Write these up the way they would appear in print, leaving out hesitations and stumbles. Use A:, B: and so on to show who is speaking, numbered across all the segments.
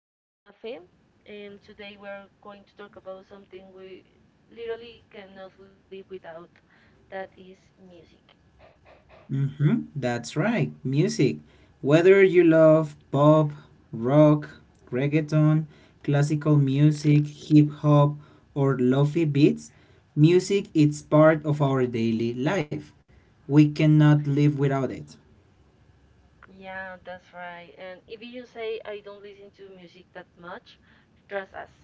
A: am Mafe, and today we're going to talk about something we literally cannot live without. That is music.
B: That's right, music. Whether you love pop, rock, reggaeton, classical music, hip hop, or lofi beats, music is part of our daily life. We cannot live without it.
A: Yeah, that's right. And if you say I don't listen to music that much, trust us.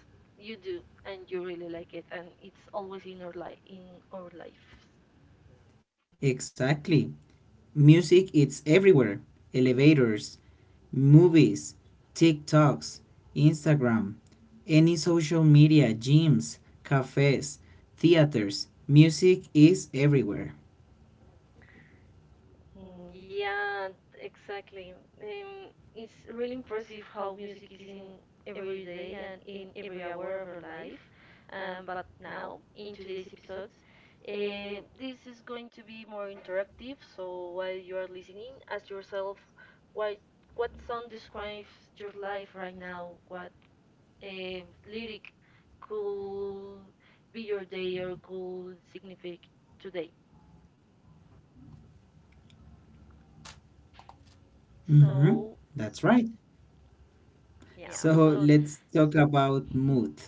A: You do, and you really like it, and it's always in our life, in our lives.
B: Exactly. Music is everywhere. Elevators, movies, TikToks, Instagram, any social media, gyms, cafes, theaters. Music is everywhere.
A: Mm, yeah, exactly. Um, it's really impressive how music is in every day and in every hour of our life. But now, in today's episodes, this is going to be more interactive. So while you are listening, ask yourself what what song describes your life right now? What lyric could be your day or could signify today?
B: Mm-hmm.
A: So
B: That's right.
A: yeah,
B: So
A: so.
B: let's talk about mood.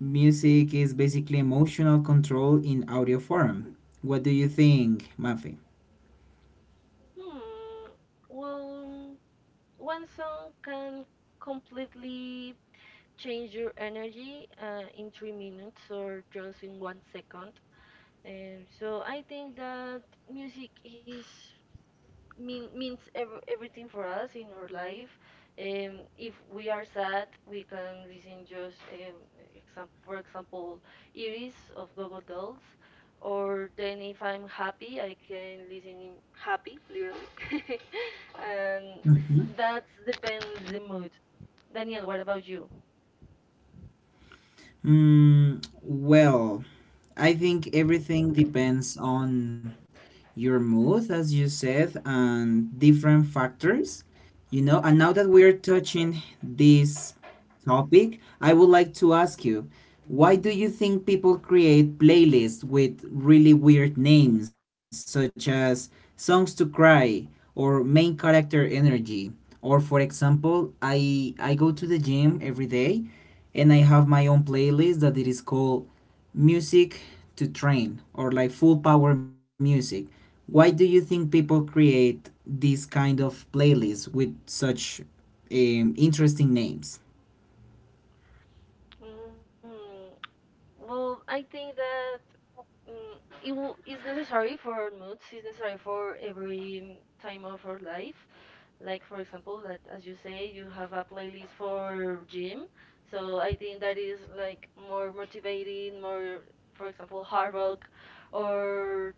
B: Music is basically emotional control in audio form. What do you think, Mafi?
A: Hmm. Well, one song can completely change your energy in 3 minutes or just in 1 second. And so I think that music is mean, means everything for us in our life. If we are sad, we can listen just for example, Iris of Gogo Dolls. Or then if I'm happy, I can listen happy, literally. And
B: Mm-hmm.
A: that depends the mood. Daniel, what about you?
B: Well, I think everything depends on your mood, as you said, and different factors. You know, and now that we're touching this topic, I would like to ask you, why do you think people create playlists with really weird names, such as Songs to Cry or Main Character Energy? Or, for example, I go to the gym every day and I have my own playlist that it is called Music to Train, or like Full Power Music. Why do you think people create these kind of playlists with such interesting names?
A: Mm, well, I think that Mm, it will, is necessary for our moods. It's necessary for every time of our life. Like for example, that as you say, you have a playlist for gym. So I think that is like more motivating, more, for example, hard rock, or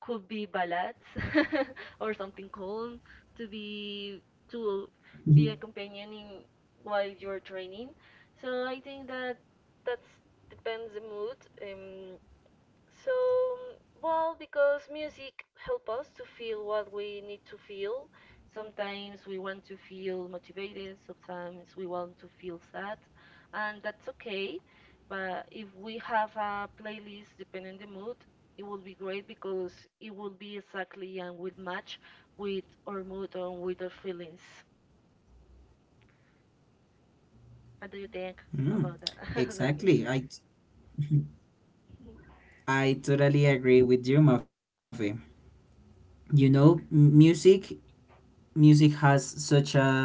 A: could be ballads or something calm to be
B: Mhm.
A: to be a companion in while you're training. So I think that that's depends the mood. Um, so, mm, well, because music help us to feel what we need to feel. Sometimes we want to feel motivated, sometimes we want to feel sad, and that's okay. But if we have a playlist depending the mood, it will be great because it will be exactly and will match with our mood or with our feelings. What do you
B: Mm,
A: think about that,
B: exactly. I
A: Daniel?
B: I totally agree with you, Mafe. You know, music has such a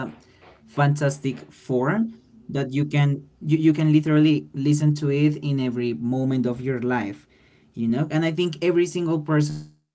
B: fantastic form that you can literally listen to it in every moment of your life, you know, and I think every single person does that,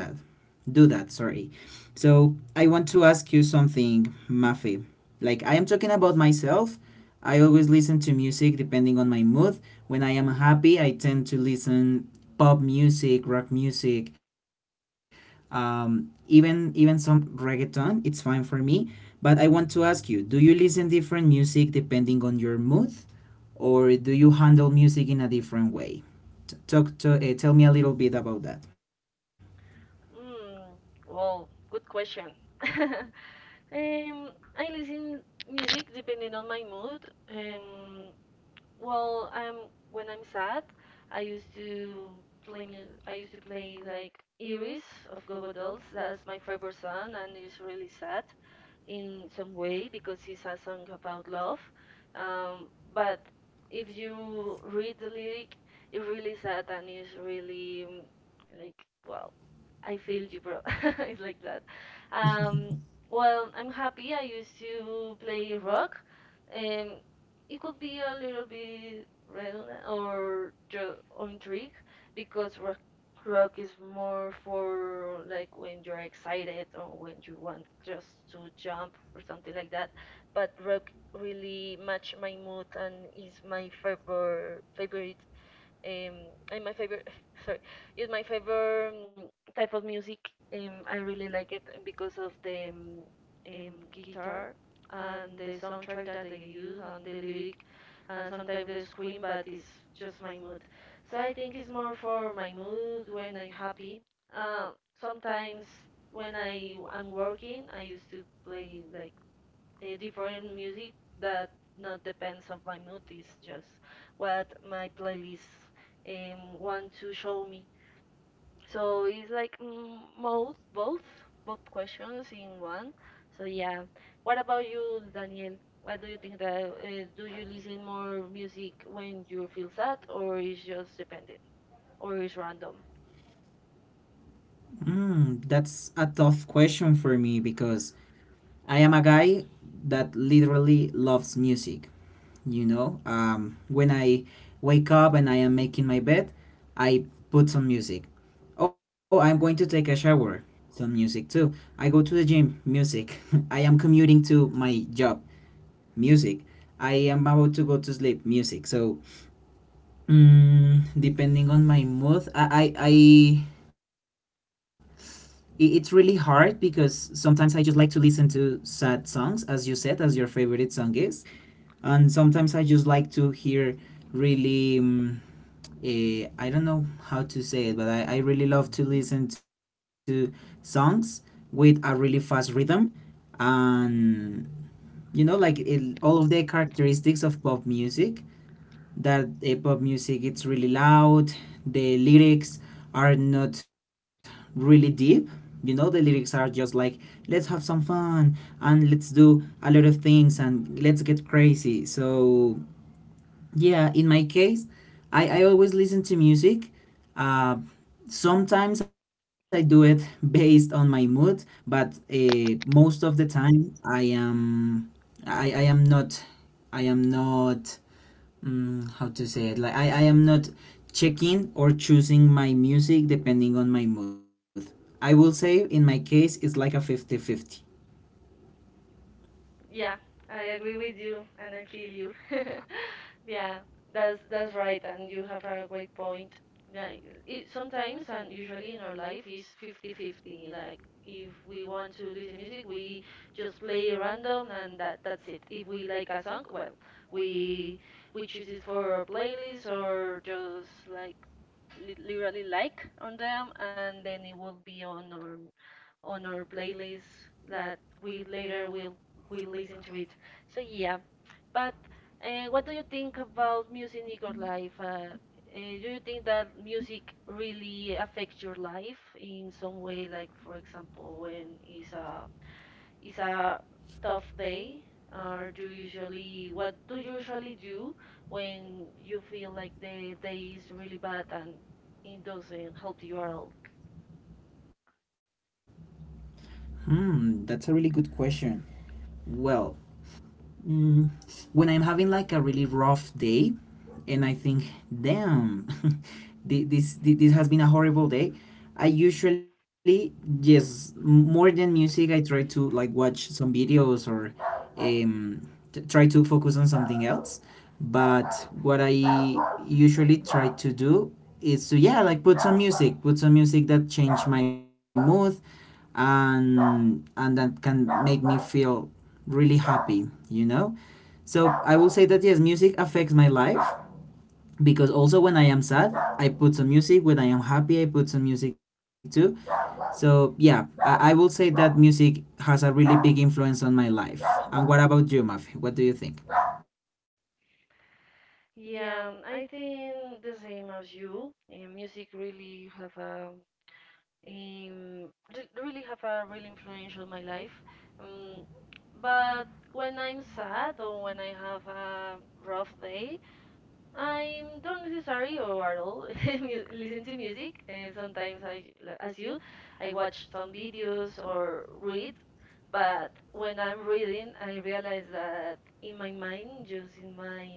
B: do that, sorry. So I want to ask you something, Mafi. Like, I am talking about myself. I always listen to music depending on my mood. When I am happy, I tend to listen pop music, rock music, even some reggaeton, it's fine for me. But I want to ask you, do you listen different music depending on your mood, or do you handle music in a different way? T- talk to Tell me a little bit about that.
A: Mm, well, good question. I listen music depending on my mood. Um, when I'm sad, I used to play music. I used to play like Iris of Go-Go Dolls. That's my favorite song, and it's really sad in some way because it's a song about love. Um, but if you read the lyric, it's really sad and it's really like wow. I failed you, bro. It's like that. Um, well, I'm happy. I used to play rock. Um, it could be a little bit redundant or or intrigue because rock is more for like when you're excited or when you want just to jump or something like that. But rock really match my mood and is my favorite um, and my favorite, sorry, is my favorite type of music. I really like it because of the um, guitar and the soundtrack that they use and the lyric, and sometimes they scream, but it's just my mood. So I think it's more for my mood when I'm happy. Uh, Sometimes when I'm working, I used to play like different music that not depends of my mood is just what my playlist want to show me. So it's like both questions in one. So yeah, what about you, Daniel? What do you think that, do you listen more music when you feel sad, or is just dependent or is random?
B: That's a tough question for me, because I am a guy that literally loves music, you know. When I wake up and I am making my bed, I put some music. Oh, I'm going to take a shower. Some music too. I go to the gym. Music. I am commuting to my job. Music. I am about to go to sleep. Music. So, depending on my mood, it's really hard, because sometimes I just like to listen to sad songs, as you said, as your favorite song is. And sometimes I just like to hear really. I don't know how to say it, but I really love to listen to songs with a really fast rhythm. And you know, like it, all of the characteristics of pop music, that pop music, it's really loud, the lyrics are not really deep. You know, the lyrics are just like, let's have some fun and let's do a lot of things and let's get crazy. So yeah, in my case, I always listen to music. Uh, Sometimes I do it based on my mood, but most of the time I am, I, I am not I am not mm, how to say it, like I am not checking or choosing my music depending on my mood. I will say in my case it's like a fifty-fifty.
A: Yeah, I agree with you and I feel you. Yeah, that's right, and you have a great point. Like it, sometimes and usually in our life is 50-50. Like if we want to listen music, we just play random and that's it. If we like a song, well, we we choose it for our playlist or just like li literally like on them, and then it will be on our playlist that we later will listen to it. So yeah, but what do you think about music in your life? Do you think that music really affects your life in some way? Like, for example, when it's a tough day, or do you usually what do you usually do when you feel like the day is really bad and it doesn't help you at all?
B: Hmm, that's a really good question. Well, Mm, when I am having like a really rough day, and I think, damn, this has been a horrible day, I usually just, more than music, I try to like watch some videos or um, try to focus on something else. But what I usually try to do is to, yeah, like put some music that change my mood, and that can make me feel really happy, you know? So I will say that yes, music affects my life, because also when I am sad, I put some music. When I am happy, I put some music too. So yeah, I will say that music has a really big influence on my life. And what about you, Mafi? What do you think?
A: Yeah, I think the same as you. Music really have a um, really have a real influence on my life. Um, but when I'm sad or when I have a rough day, I don't necessarily or at all listen to music. And sometimes as you, I watch some videos or read. But when I'm reading, I realize that in my mind, just in my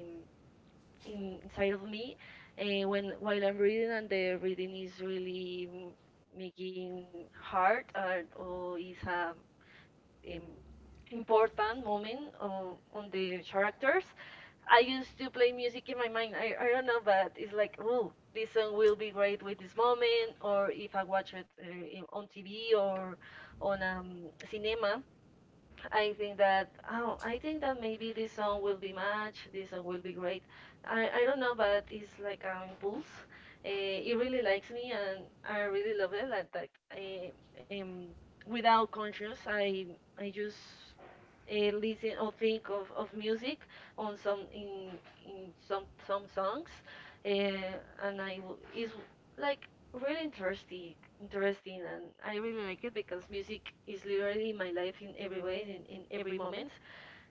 A: in, inside of me when while I'm reading, and the reading is really making hard, or is a um, important moment on the characters. I used to play music in my mind. I don't know, but it's like, oh, this song will be great with this moment, or if I watch it on TV or on cinema, I think that oh, I think that maybe this song will be match. This song will be great. I don't know, but it's like an impulse. It really likes me, and I really love it. Like that, uh, um, without conscious, I just listen or think of music on some in some some songs, uh, and is like really interesting, and I really like it because music is literally my life in every way, in every moment.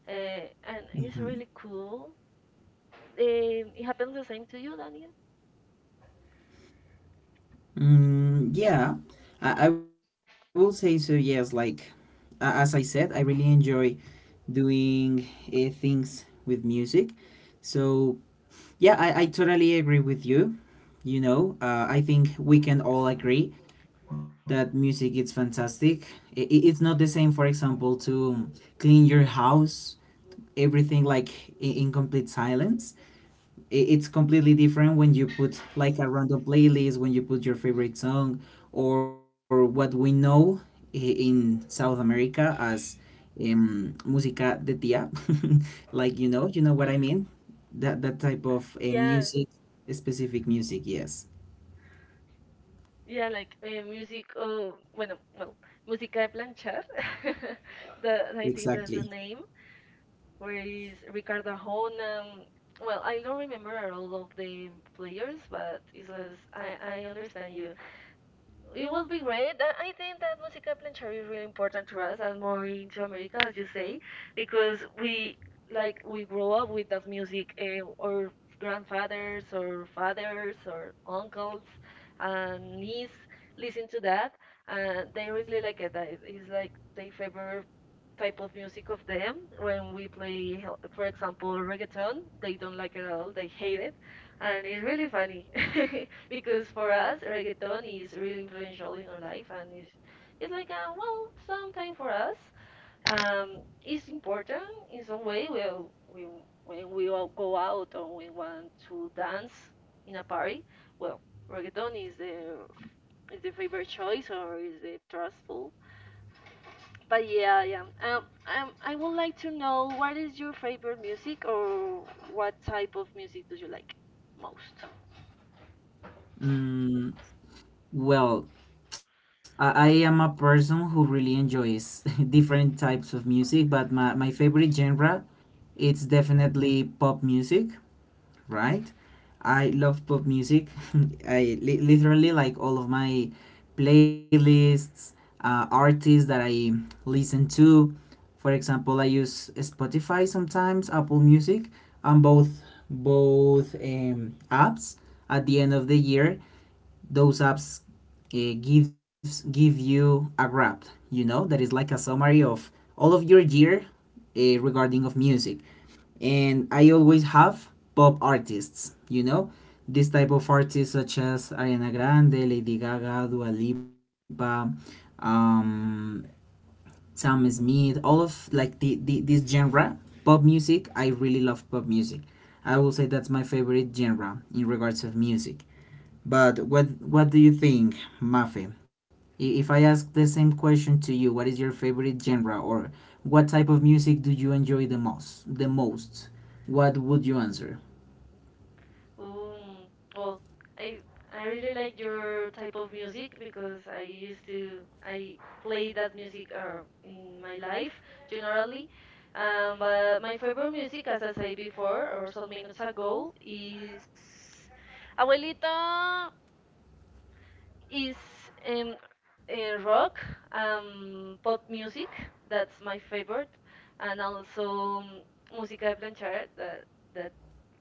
A: And it's
B: Mhm.
A: really cool. It happens the same to you, Daniel?
B: Mm, yeah, I will say so. Yes, like as I said, I really enjoy doing things with music. So yeah, I totally agree with you. You know, I think we can all agree that music is fantastic. It's not the same, for example, to clean your house, everything like in complete silence. It's completely different when you put like a random playlist, when you put your favorite song, or what we know i- in South America as música de tía. Like, you know what I mean? That type of
A: Yeah,
B: music, specific music, yes.
A: yeah, like music, oh, bueno, well, Música de Planchar, the, I think
B: Exactly.
A: that's the name, where is Ricardo Arjona. Well, I don't remember all of the players, but I understand you. It will be great. I think that Música Planchar is really important to us and more into America, as you say, because we like we grow up with that music. Our grandfathers, or fathers, or uncles, and niece listen to that, and they really like it. That is like their favorite type of music of them. When we play, for example, reggaeton, they don't like it at all. They hate it, and it's really funny because for us, reggaeton is really influential in our life, and it's like well, sometime for us, um, it's important in some way. Well, we when we all go out or we want to dance in a party, well, reggaeton is the favorite choice or is the trustful. But yeah, yeah. I would like to know what is your favorite music or what type of music do you like most?
B: Mm, well, I am a person who really enjoys different types of music, but my favorite genre, it's definitely pop music. Right? I love pop music. I literally like all of my playlists, artists that I listen to. For example, I use Spotify sometimes, Apple Music, on both apps. At the end of the year, those apps give you a graph, you know, that is like a summary of all of your year regarding of music. And I always have pop artists, you know, this type of artists such as Ariana Grande, Lady Gaga, Dua Lipa, um, Sam Smith, all of like the this genre, pop music. I really love pop music. I will say that's my favorite genre in regards of music. But what do you think, Mafe? If I ask the same question to you, what is your favorite genre, or what type of music do you enjoy the most? The most, what would you answer?
A: Um, well, I I really like your type of music because I used to I play that music in my life generally. But my favorite music, as I said before or some minutes ago, is um, rock, pop music. That's my favorite, and also música de planchar. That that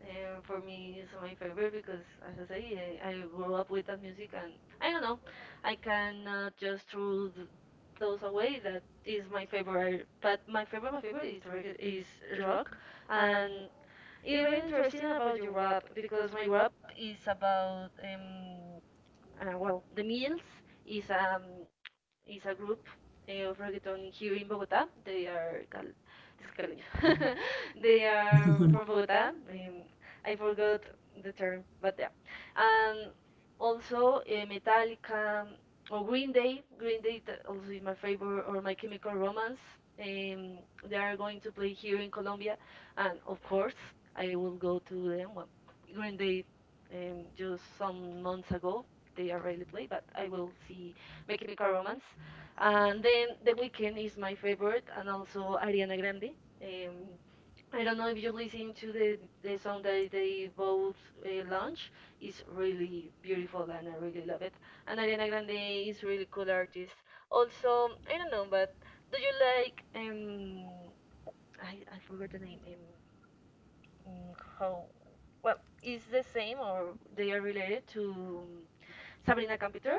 A: For me is my favorite because, as I say, I grew up with that music, and I don't know, I cannot just throw those away. That is my favorite, but my favorite is is rock, and it's really interesting about your rap because my rap is about well the meals is um is a group of reggaeton here in Bogota. They are cal they are from Bogota. I forgot the term, but yeah. And also Metallica or Green Day. Green Day also is my favorite, or My Chemical Romance. Um, they are going to play here in Colombia, and of course I will go to them. Well, Green Day just some months ago they are really play, but I will see my Chemical Romance. And then The Weeknd is my favorite, and also Ariana Grande. Um, I don't know if you listen to the song that they both launch. It's really beautiful, and I really love it. And Ariana Grande is really cool artist. Also, I don't know, but do you like um? I forgot the name. How? Well, is the same or they are related to? um, Sabrina Carpenter.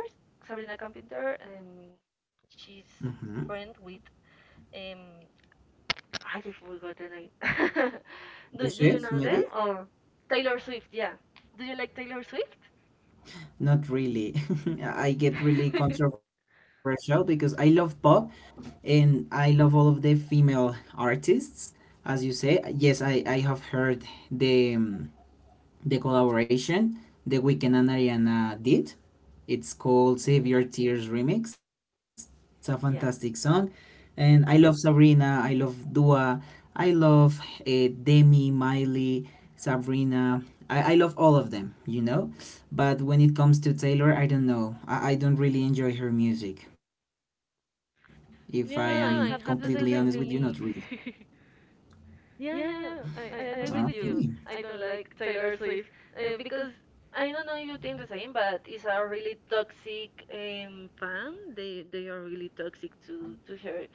A: Sabrina Carpenter. She's
B: Hmm?
A: friend with um. I forgot the name. Do you
B: Yusef,
A: know
B: maybe?
A: them or Taylor Swift? Yeah. Do you like Taylor Swift?
B: Not really. I get really controversial because I love pop, and I love all of the female artists. As you say, yes, I have heard the um, the collaboration that Weeknd and Ariana did. It's called Save
A: Hmm.
B: Your Tears Remix. It's a fantastic
A: Yeah.
B: song. And I love Sabrina, I love Dua, I love Demi, Miley, Sabrina. I love all of them, you know? But when it comes to Taylor, I don't know. I don't really enjoy her music. If I am completely
A: Yeah,
B: honest
A: it
B: with you,
A: happened the
B: not
A: same
B: really.
A: to me. Yeah, yeah, I
B: Ah,
A: agree with
B: okay.
A: you. I don't like Taylor Swift because I don't know if you think the same, but it's a really toxic fan. They are really toxic to her.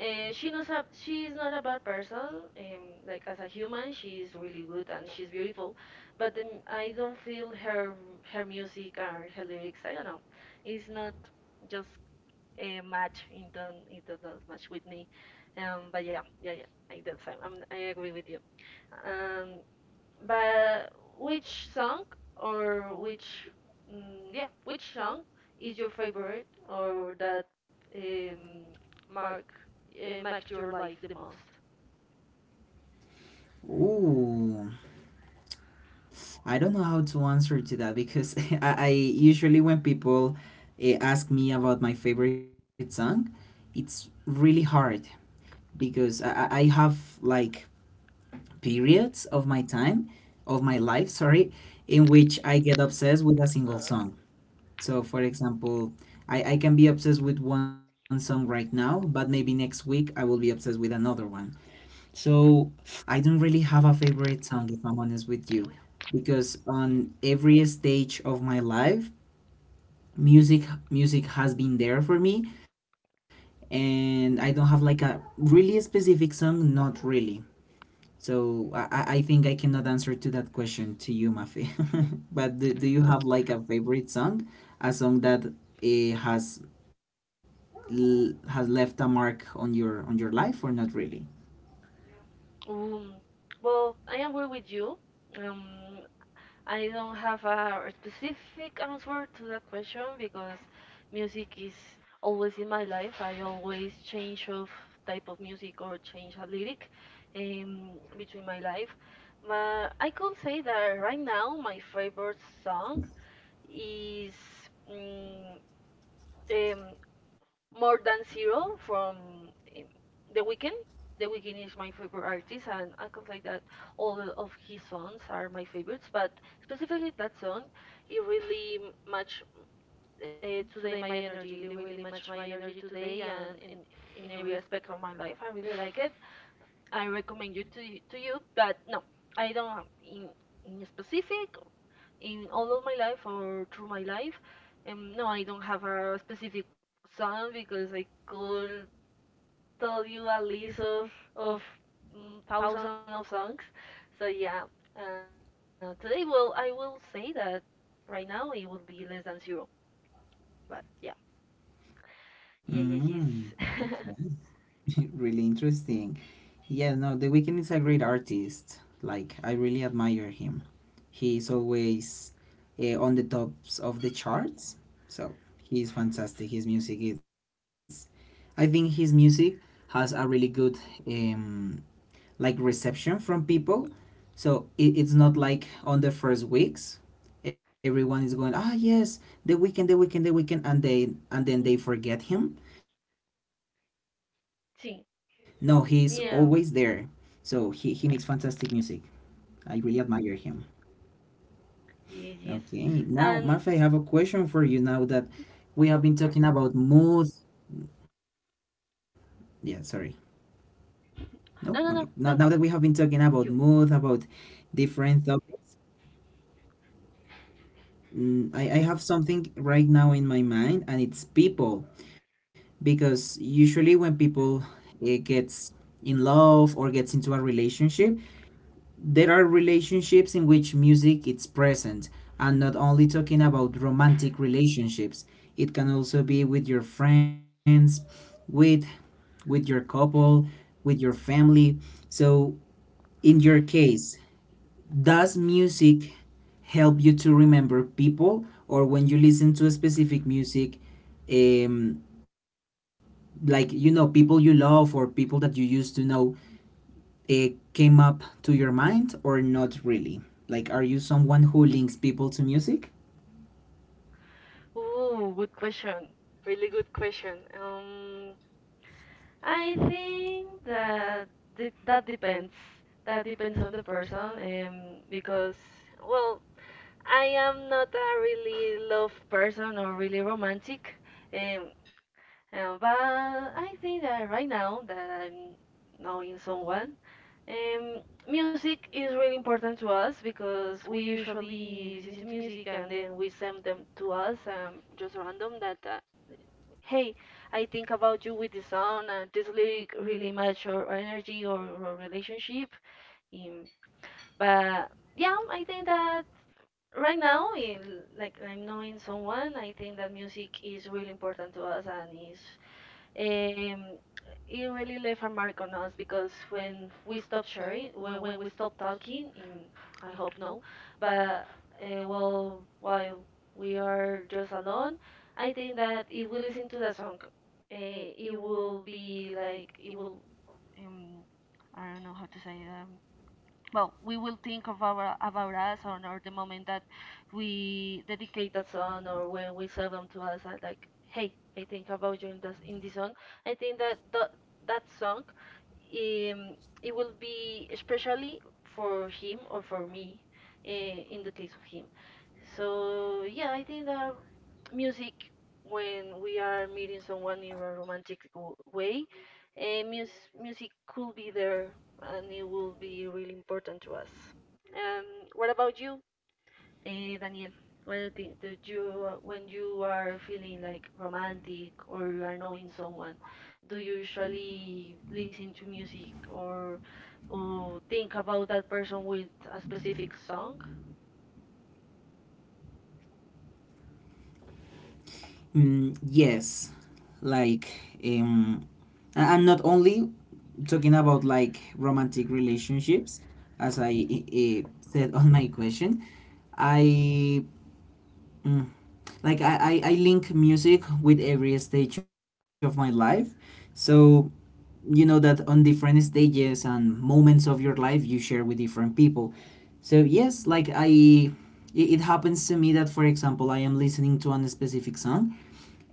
A: She knows she is not a bad person. Like as a human, she is really good and she's beautiful. But I don't feel her music and her lyrics. I don't know. It's not just match into those match with me. But yeah, yeah, yeah. I that's I, I'm, I agree with you. Um, but which song or which yeah, which song is your favorite or that um, mark marks your life the most?
B: Ooh. I don't know how to answer to that, because I usually, when people ask me about my favorite song, it's really hard, because I have like periods of my time, of my life, sorry, in which I get obsessed with a single song. So, for example, I can be obsessed with one song right now, but maybe next week I will be obsessed with another one. So I don't really have a favorite song, if I'm honest with you, because on every stage of my life, music music has been there for me, and I don't have like a really specific song, not really. So I think I cannot answer to that question to you, Mafi. But do you have like a favorite song, a song that has left a mark on your life, or not really?
A: Um, well, I agree with you. Um, I don't have a specific answer to that question because music is always in my life. I always change of type of music or change a lyric between my life. But I could say that right now my favorite song is mm, um, more Than Zero from um, The Weeknd. The Weeknd is my favorite artist, and I can say that all of his songs are my favorites. But specifically that song, it really match today my energy. It really match my energy today, and in every aspect of my life, I really like it. I recommend you to you, but no, I don't have in specific in all of my life or through my life. No, I don't have a specific song because I could tell you a list of of thousands of songs. So yeah, today, well, I will say that right now it will be less than zero. But yeah,
B: Mm,
A: yeah, yeah, yes.
B: okay. Really interesting. Yeah, no, The Weeknd is a great artist. Like, I really admire him. He's always on the tops of the charts. So, he's fantastic. His music is. I think his music has a really good um, reception from people. So, it's not like, on the first weeks, everyone is going, ah, yes, the weekend, the weekend, the weekend, and they and then they forget him. No, he's always there. So
A: Sim,
B: he makes fantastic music.
A: yeah,
B: I really admire him. Okay, now Mafe, I have
A: yes,
B: a
A: yes.
B: question for you, now
A: And
B: that we have been talking about mood. Yeah, sorry. No, okay. Now that we have been
A: no, no,
B: talking
A: no,
B: about
A: don't
B: mood, about
A: you.
B: different topics, I have something right now in my mind, and it's people. Because usually when people gets in love, or gets into a relationship, there are relationships in which music is present, and not only talking about romantic relationships. It can also be with your friends, with with your couple, with your family. So, in your case, does music help you to remember people? Or when you listen to a specific music, um, like, you know, people you love or people that you used to know, it came up to your mind, or not really? Like, are you someone who links people to music?
A: Ooh, good question. Really good question. I think that that depends. That depends on the person, because well, I am not a really love person or really romantic, um, but I think that right now that I'm knowing someone, um, music is really important to us because we usually listen to music and then we send them to us just random that hey, I think about you with this song and this lyric really match our energy or our relationship. Um,
B: Mm-hmm.
A: but yeah, I think that right now, in like I'm knowing someone, I think that music is really important to us and is um it really left a mark on us because when we stop talking in, I hope no, but well, while we are just alone, I think that if we listen to the song, it will be like it will um I don't know how to say it, well, we will think of our about us on or the moment that we dedicate that song or when we serve them to us and like, hey, I think about you in this song. I think that that song um, it will be especially for him or for me uh, in the case of him. So yeah, I think that music when we are meeting someone in a romantic way. And music could be there and it will be really important to us. What about you, Daniel? What do you think? Do you, when you are feeling like romantic or you are knowing someone, do you usually listen to music or think about that person with a specific song?
B: Mm, yes. Like, um, I am not only talking about like romantic relationships, as I said on my question. I. Mm, like, I link music with every stage of my life. So you know that on different stages and moments of your life, you share with different people. So yes, like I it happens to me that, for example, I am listening to a specific song,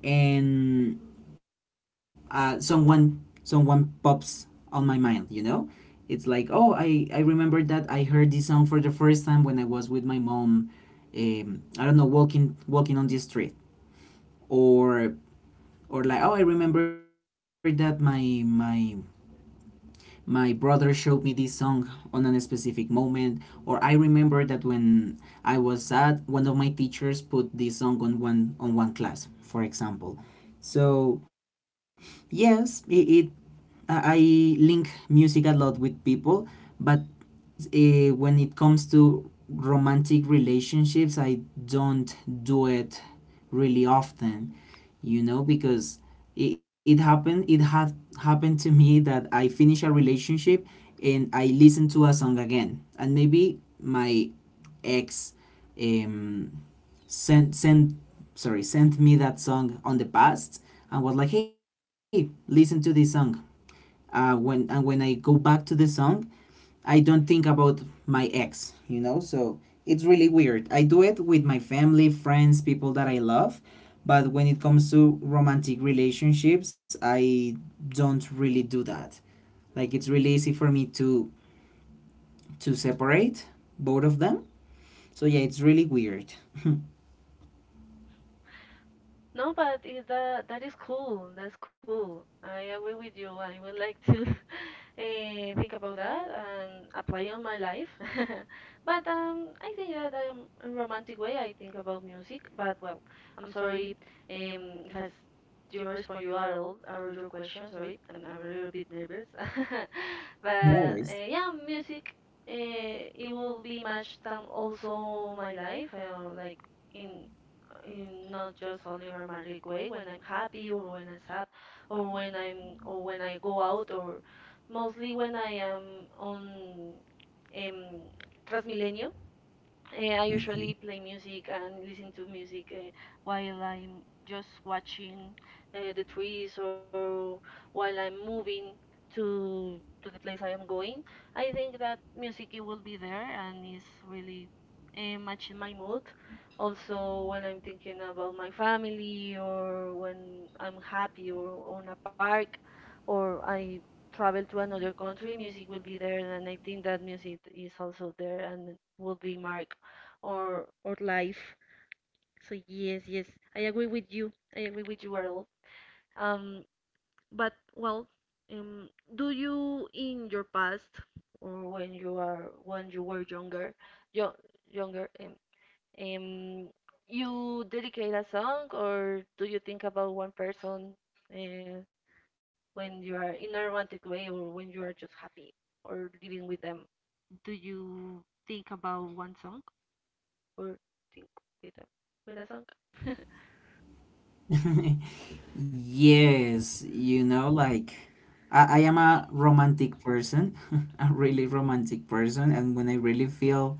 B: and someone pops on my mind, you know. It's like, oh, I remember that I heard this song for the first time when I was with my mom, I don't know, walking on the street. Or or like, oh, I remember that my brother showed me this song on a specific moment, or I remember that when I was sad, one of my teachers put this song on one class, for example. So yes, it I link music a lot with people. But when it comes to romantic relationships, I don't do it really often, you know, because it happened. It had happened to me that I finish a relationship, and I listen to a song again, and maybe my ex, um, sent sent sent me that song on the past, and was like, hey, listen to this song. When I go back to the song, I don't think about my ex, you know. So it's really weird. I do it with my family, friends, people that I love, but when it comes to romantic relationships, I don't really do that. Like, it's really easy for me to separate both of them. So yeah, it's really weird. No
A: No, but is that that is cool. That's cool. I agree with you. I would like to think about that and apply on my life. But I think that I am in romantic way. I think about music. But well, I'm sorry if didn't respond you at all or your question. Sorry, I'm a little bit nervous. But
B: worries.
A: yeah, music. It will be matched also my life. Like in in not just only romantic way when I'm happy or when I'm sad or when I'm or when I go out or mostly when I am on um, Transmilenio, I
B: Mhm.
A: usually play music and listen to music while I'm just watching the trees or while I'm moving to to the place I am going. I think that music it will be there and is really matching my mood. Also, when I'm thinking about my family or when I'm happy or on a park or I travel to another country, music will be there, and I think that music is also there and will be mark or life. So yes, yes, I agree with you. I agree with you at all. Um, but well, um, do you in your past or when you are when you were younger, yo younger, um, you dedicate a song or do you think about one person uh, when you are in a romantic way or when you are just happy or living with them? Do you think about one song or think with them with a song?
B: Yes, you know, like I am a romantic person, a really romantic person, and when I really feel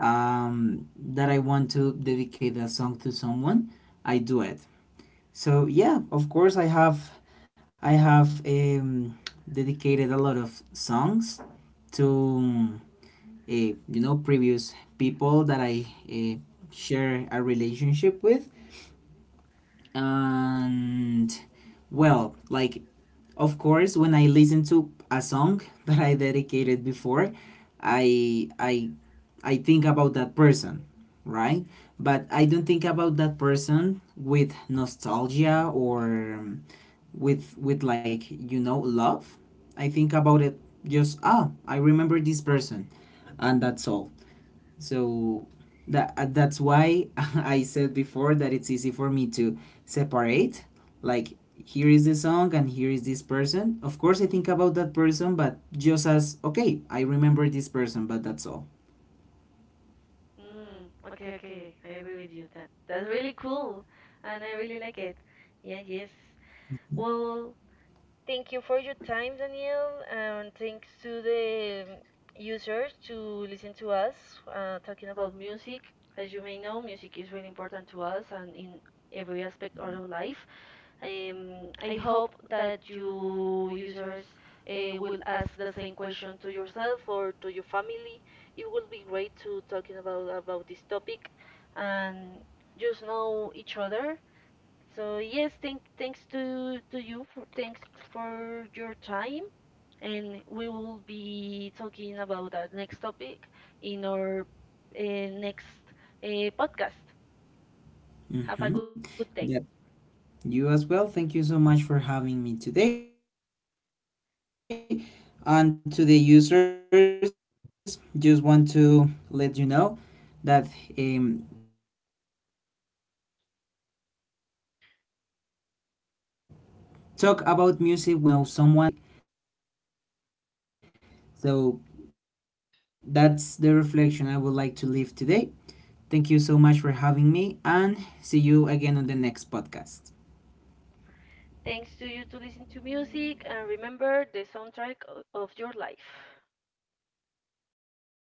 B: that I want to dedicate a song to someone, I do it. So yeah, of course, I have dedicated a lot of songs to previous people that I share a relationship with. And well, like, of course, when I listen to a song that I dedicated before, i i I think about that person, right? But I don't think about that person with nostalgia, or with like, love. I think about it just, I remember this person, and that's all. So that's why I said before that it's easy for me to
A: Mm.
B: separate. Like, here is the song and here is this person. Of course, I think about that person, but just as, okay, I remember this person, but that's all.
A: Mm. Okay, okay. I agree with you. That that's really cool, and I really like it. Yeah, yes. Well, thank you for your time, Daniel, and thanks to the users to listen to us talking about music. As you may know, music is really important to us and in every aspect of our life. I hope that you users will ask the same question to yourself or to your family. It will be great to talking about this topic and just know each other. So yes, thank thanks to you for thanks for your time, and we will be talking about our next topic in our next podcast. Have a good
B: Mm-hmm.
A: day.
B: Yep. You as well. Thank you so much for having me today. And to the users, just want to let you know that, um, talk about music with the people you know, because I think the best way to know someone, it's through their playlists, or it's through their music. So that's the reflection I would like to leave today. Thank you so much for having me, and see you again on the next podcast.
A: Thanks to you to listen to music and remember the soundtrack of your life.